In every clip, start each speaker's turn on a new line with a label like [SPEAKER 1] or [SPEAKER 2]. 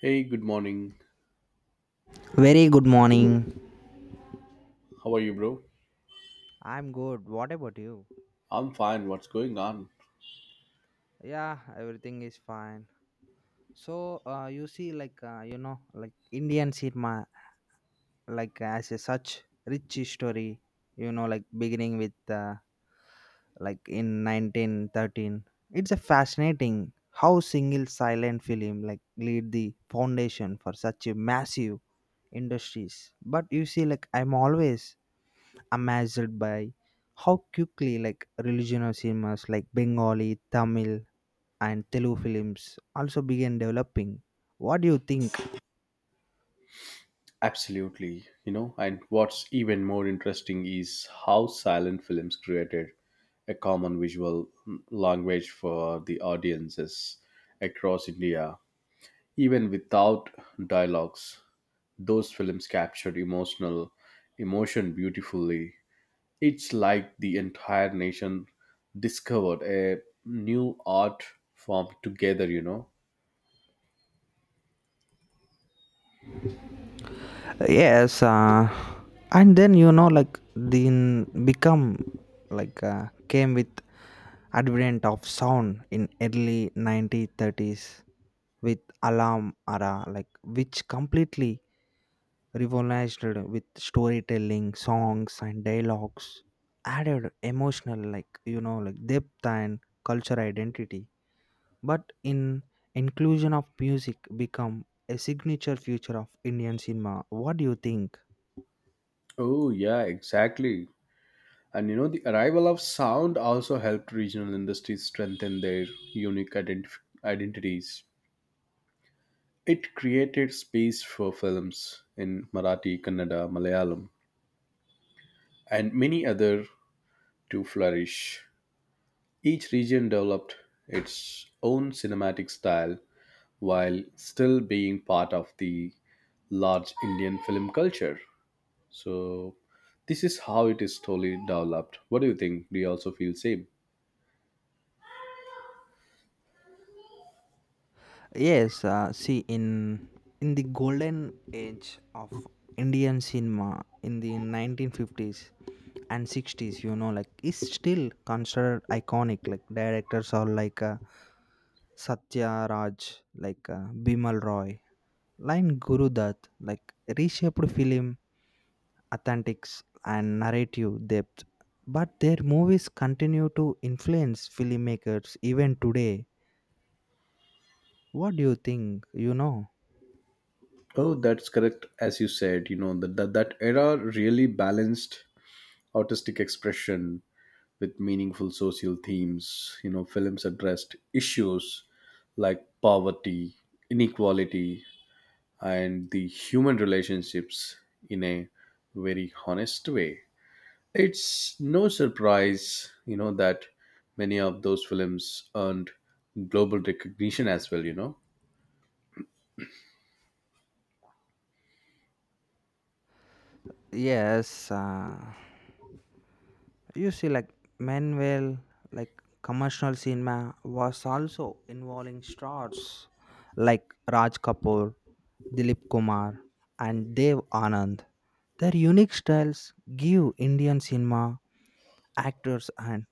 [SPEAKER 1] Hey, good morning.
[SPEAKER 2] Very good morning.
[SPEAKER 1] How are you, bro?
[SPEAKER 2] I'm good. What about you?
[SPEAKER 1] I'm fine. What's going on?
[SPEAKER 2] Yeah, everything is fine. So, you see, like, you know, like Indian cinema, like, as a such rich history, you know, like beginning with, like, in 1913. It's a fascinating how single silent film, like, laid the foundation for such a massive industries. But you see, like, I'm always amazed by how quickly like regional cinemas like Bengali, Tamil, and Telugu films also began developing. What do you think?
[SPEAKER 1] Absolutely. You know, and what's even more interesting is how silent films created a common visual language for the audiences across India. Even without dialogues, those films captured emotion beautifully. It's like the entire nation discovered a new art form together, you know.
[SPEAKER 2] Yes, and then you know like then become like came with advent of sound in early 1930s with alarm era like which completely revolutionized with storytelling, songs, and dialogues, added emotional, like, you know, like depth and cultural identity. But in inclusion of music become a signature feature of Indian cinema. What do you think?
[SPEAKER 1] Oh, yeah, exactly. And you know, the arrival of sound also helped regional industries strengthen their unique identif- identities. It created space for films in Marathi, Kannada, Malayalam, and many other to flourish. Each region developed its own cinematic style while still being part of the large Indian film culture. So, this is how it is slowly developed. What do you think? Do you also feel same?
[SPEAKER 2] Yes, see in the golden age of Indian cinema in the 1950s and 60s, you know, like is still considered iconic. Like directors are like Satya Raj, like Bimal Roy, line Guru Dutt, like reshaped film authentics and narrative depth. But their movies continue to influence filmmakers even today. What do you think? You know.
[SPEAKER 1] Oh, that's correct. As you said, you know that era really balanced artistic expression with meaningful social themes. You know, films addressed issues like poverty, inequality, and the human relationships in a very honest way. It's no surprise, you know, that many of those films earned global recognition as well. You know.
[SPEAKER 2] Yes, you see, like Manuel, like commercial cinema was also involving stars like Raj Kapoor, Dilip Kumar, and Dev Anand. Their unique styles give Indian cinema actors an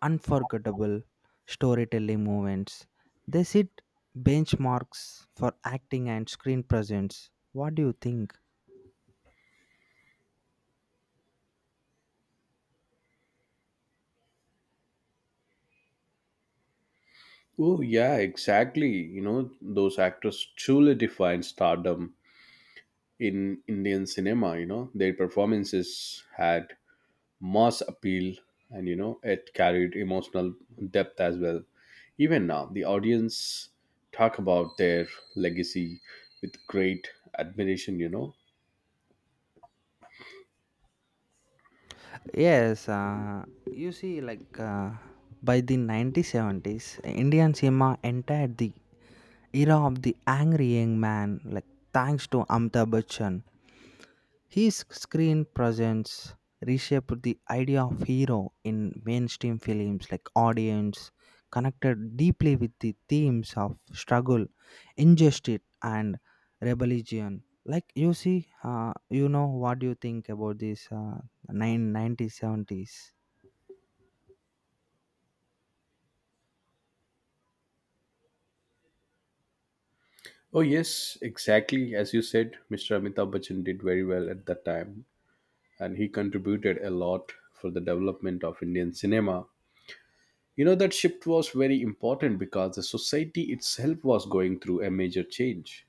[SPEAKER 2] unforgettable storytelling moments. They set benchmarks for acting and screen presence. What do you think?
[SPEAKER 1] Oh, yeah, exactly. You know, those actors truly defined stardom in Indian cinema. You know, their performances had mass appeal and, you know, it carried emotional depth as well. Even now, the audience talk about their legacy with great admiration, you know.
[SPEAKER 2] Yes, you see, like by the 1970s, Indian cinema entered the era of the angry young man, like thanks to Amitabh Bachchan. His screen presence reshaped the idea of hero in mainstream films, like audience connected deeply with the themes of struggle, injustice, and rebellion. Like you see, you know what do you think about this 9 1970s?
[SPEAKER 1] Oh, yes, exactly. As you said, Mr. Amitabh Bachchan did very well at that time, and he contributed a lot for the development of Indian cinema. You know, that shift was very important because the society itself was going through a major change.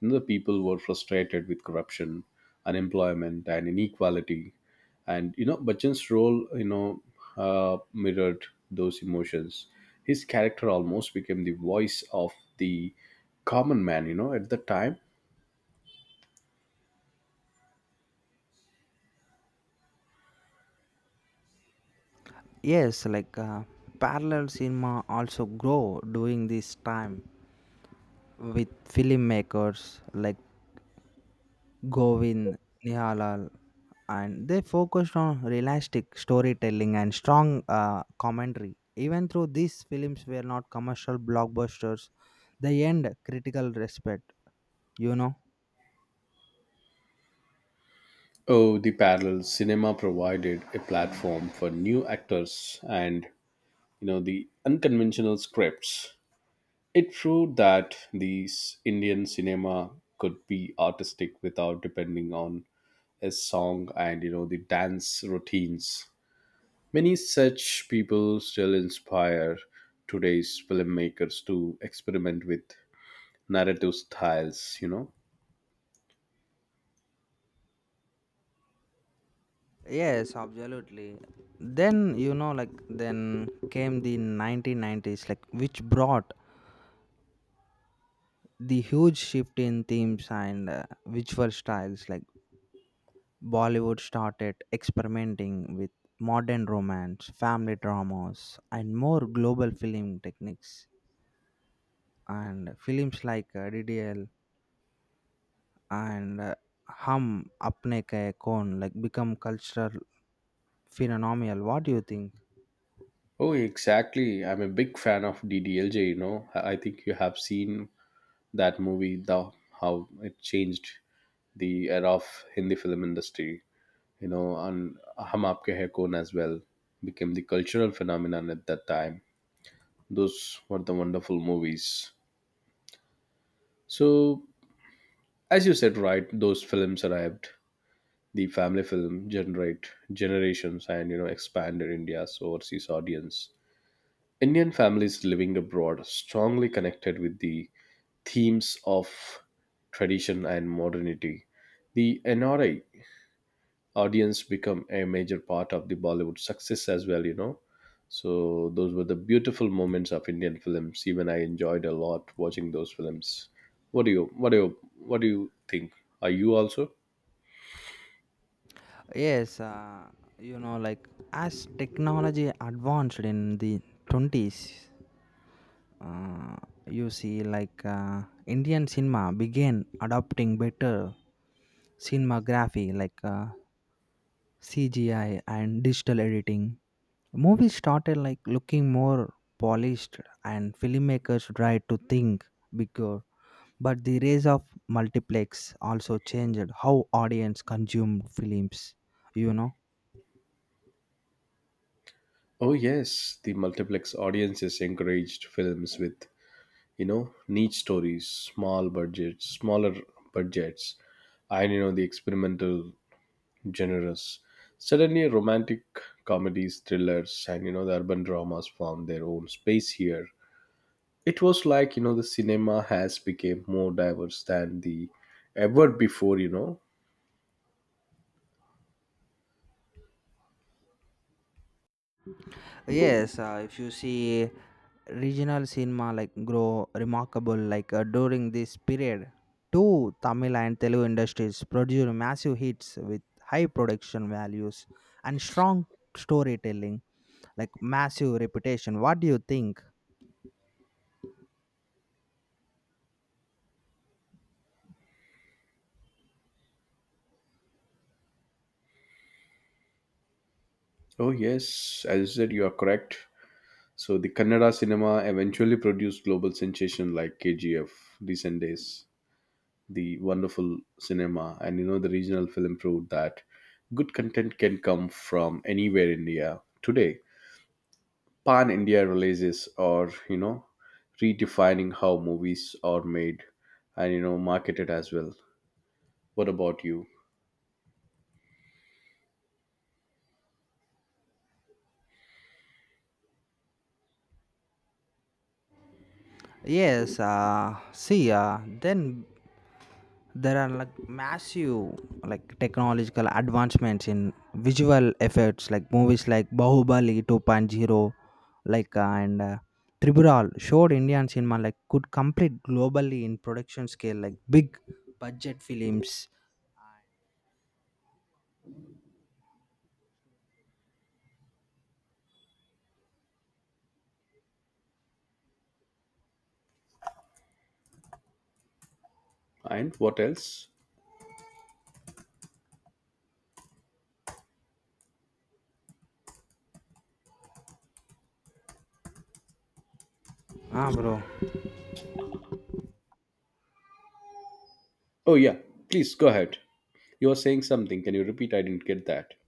[SPEAKER 1] You know, the people were frustrated with corruption, unemployment, and inequality. And, you know, Bachchan's role, you know, mirrored those emotions. His character almost became the voice of the common man, you know, at the time.
[SPEAKER 2] Yes, like parallel cinema also grow during this time with filmmakers like Govind Nihalal, and they focused on realistic storytelling and strong commentary. Even though these films were not commercial blockbusters, they earned critical respect. You know.
[SPEAKER 1] Oh, the parallel cinema provided a platform for new actors and, you know, the unconventional scripts. It proved that Indian cinema could be artistic without depending on a song and you know the dance routines. Many such people still inspire today's filmmakers to experiment with narrative styles, you know.
[SPEAKER 2] Yes, absolutely. Then you know, like then came the 1990s, like which brought the huge shift in themes and visual styles like Bollywood started experimenting with modern romance family dramas and more global film techniques and films like ddl and hum apne ke kon like become cultural phenomenal. What do you think?
[SPEAKER 1] Oh, exactly. I'm a big fan of DDLJ, you know. I think you have seen that movie, the how it changed the era of Hindi film industry. You know, and Hum Aapke Hai Kaun as well became the cultural phenomenon at that time. Those were the wonderful movies. So, as you said, right, those films arrived. The family film generate generations and you know expanded India's overseas audience. Indian families living abroad strongly connected with the themes of tradition and modernity. The NRI audience become a major part of the Bollywood success as well, you know. So those were the beautiful moments of Indian films, even I enjoyed a lot watching those films. What do you what do you what do you think? Are you also?
[SPEAKER 2] Yes, you know like as technology advanced in the 20s, uh, you see like Indian cinema began adopting better cinematography like CGI and digital editing. Movies started like looking more polished and filmmakers tried to think bigger. But the rise of multiplex also changed how audience consumed films. You know.
[SPEAKER 1] Oh yes, the multiplex audiences encouraged films with, you know, niche stories, smaller budgets, and you know the experimental genres. Suddenly, romantic comedies, thrillers, and you know the urban dramas found their own space here. It was like you know the cinema has become more diverse than the ever before. You know.
[SPEAKER 2] Yes, if you see regional cinema like grow remarkable like during this period two Tamil and Telugu industries produced massive hits with high production values and strong storytelling like massive reputation. What do you think?
[SPEAKER 1] Oh yes, as you said, you are correct. So the Kannada cinema eventually produced global sensation like KGF, Recent Days, the wonderful cinema, and you know the regional film proved that good content can come from anywhere in India today. Pan India releases or you know redefining how movies are made and you know marketed as well. What about you?
[SPEAKER 2] Yes, see, then there are like massive like technological advancements in visual effects like movies like Bahubali 2.0, like and tribhural showed Indian cinema like could compete globally in production scale like big budget films.
[SPEAKER 1] And what else?
[SPEAKER 2] Bro.
[SPEAKER 1] Oh yeah, please go ahead. You were saying something. Can you repeat? I didn't get that.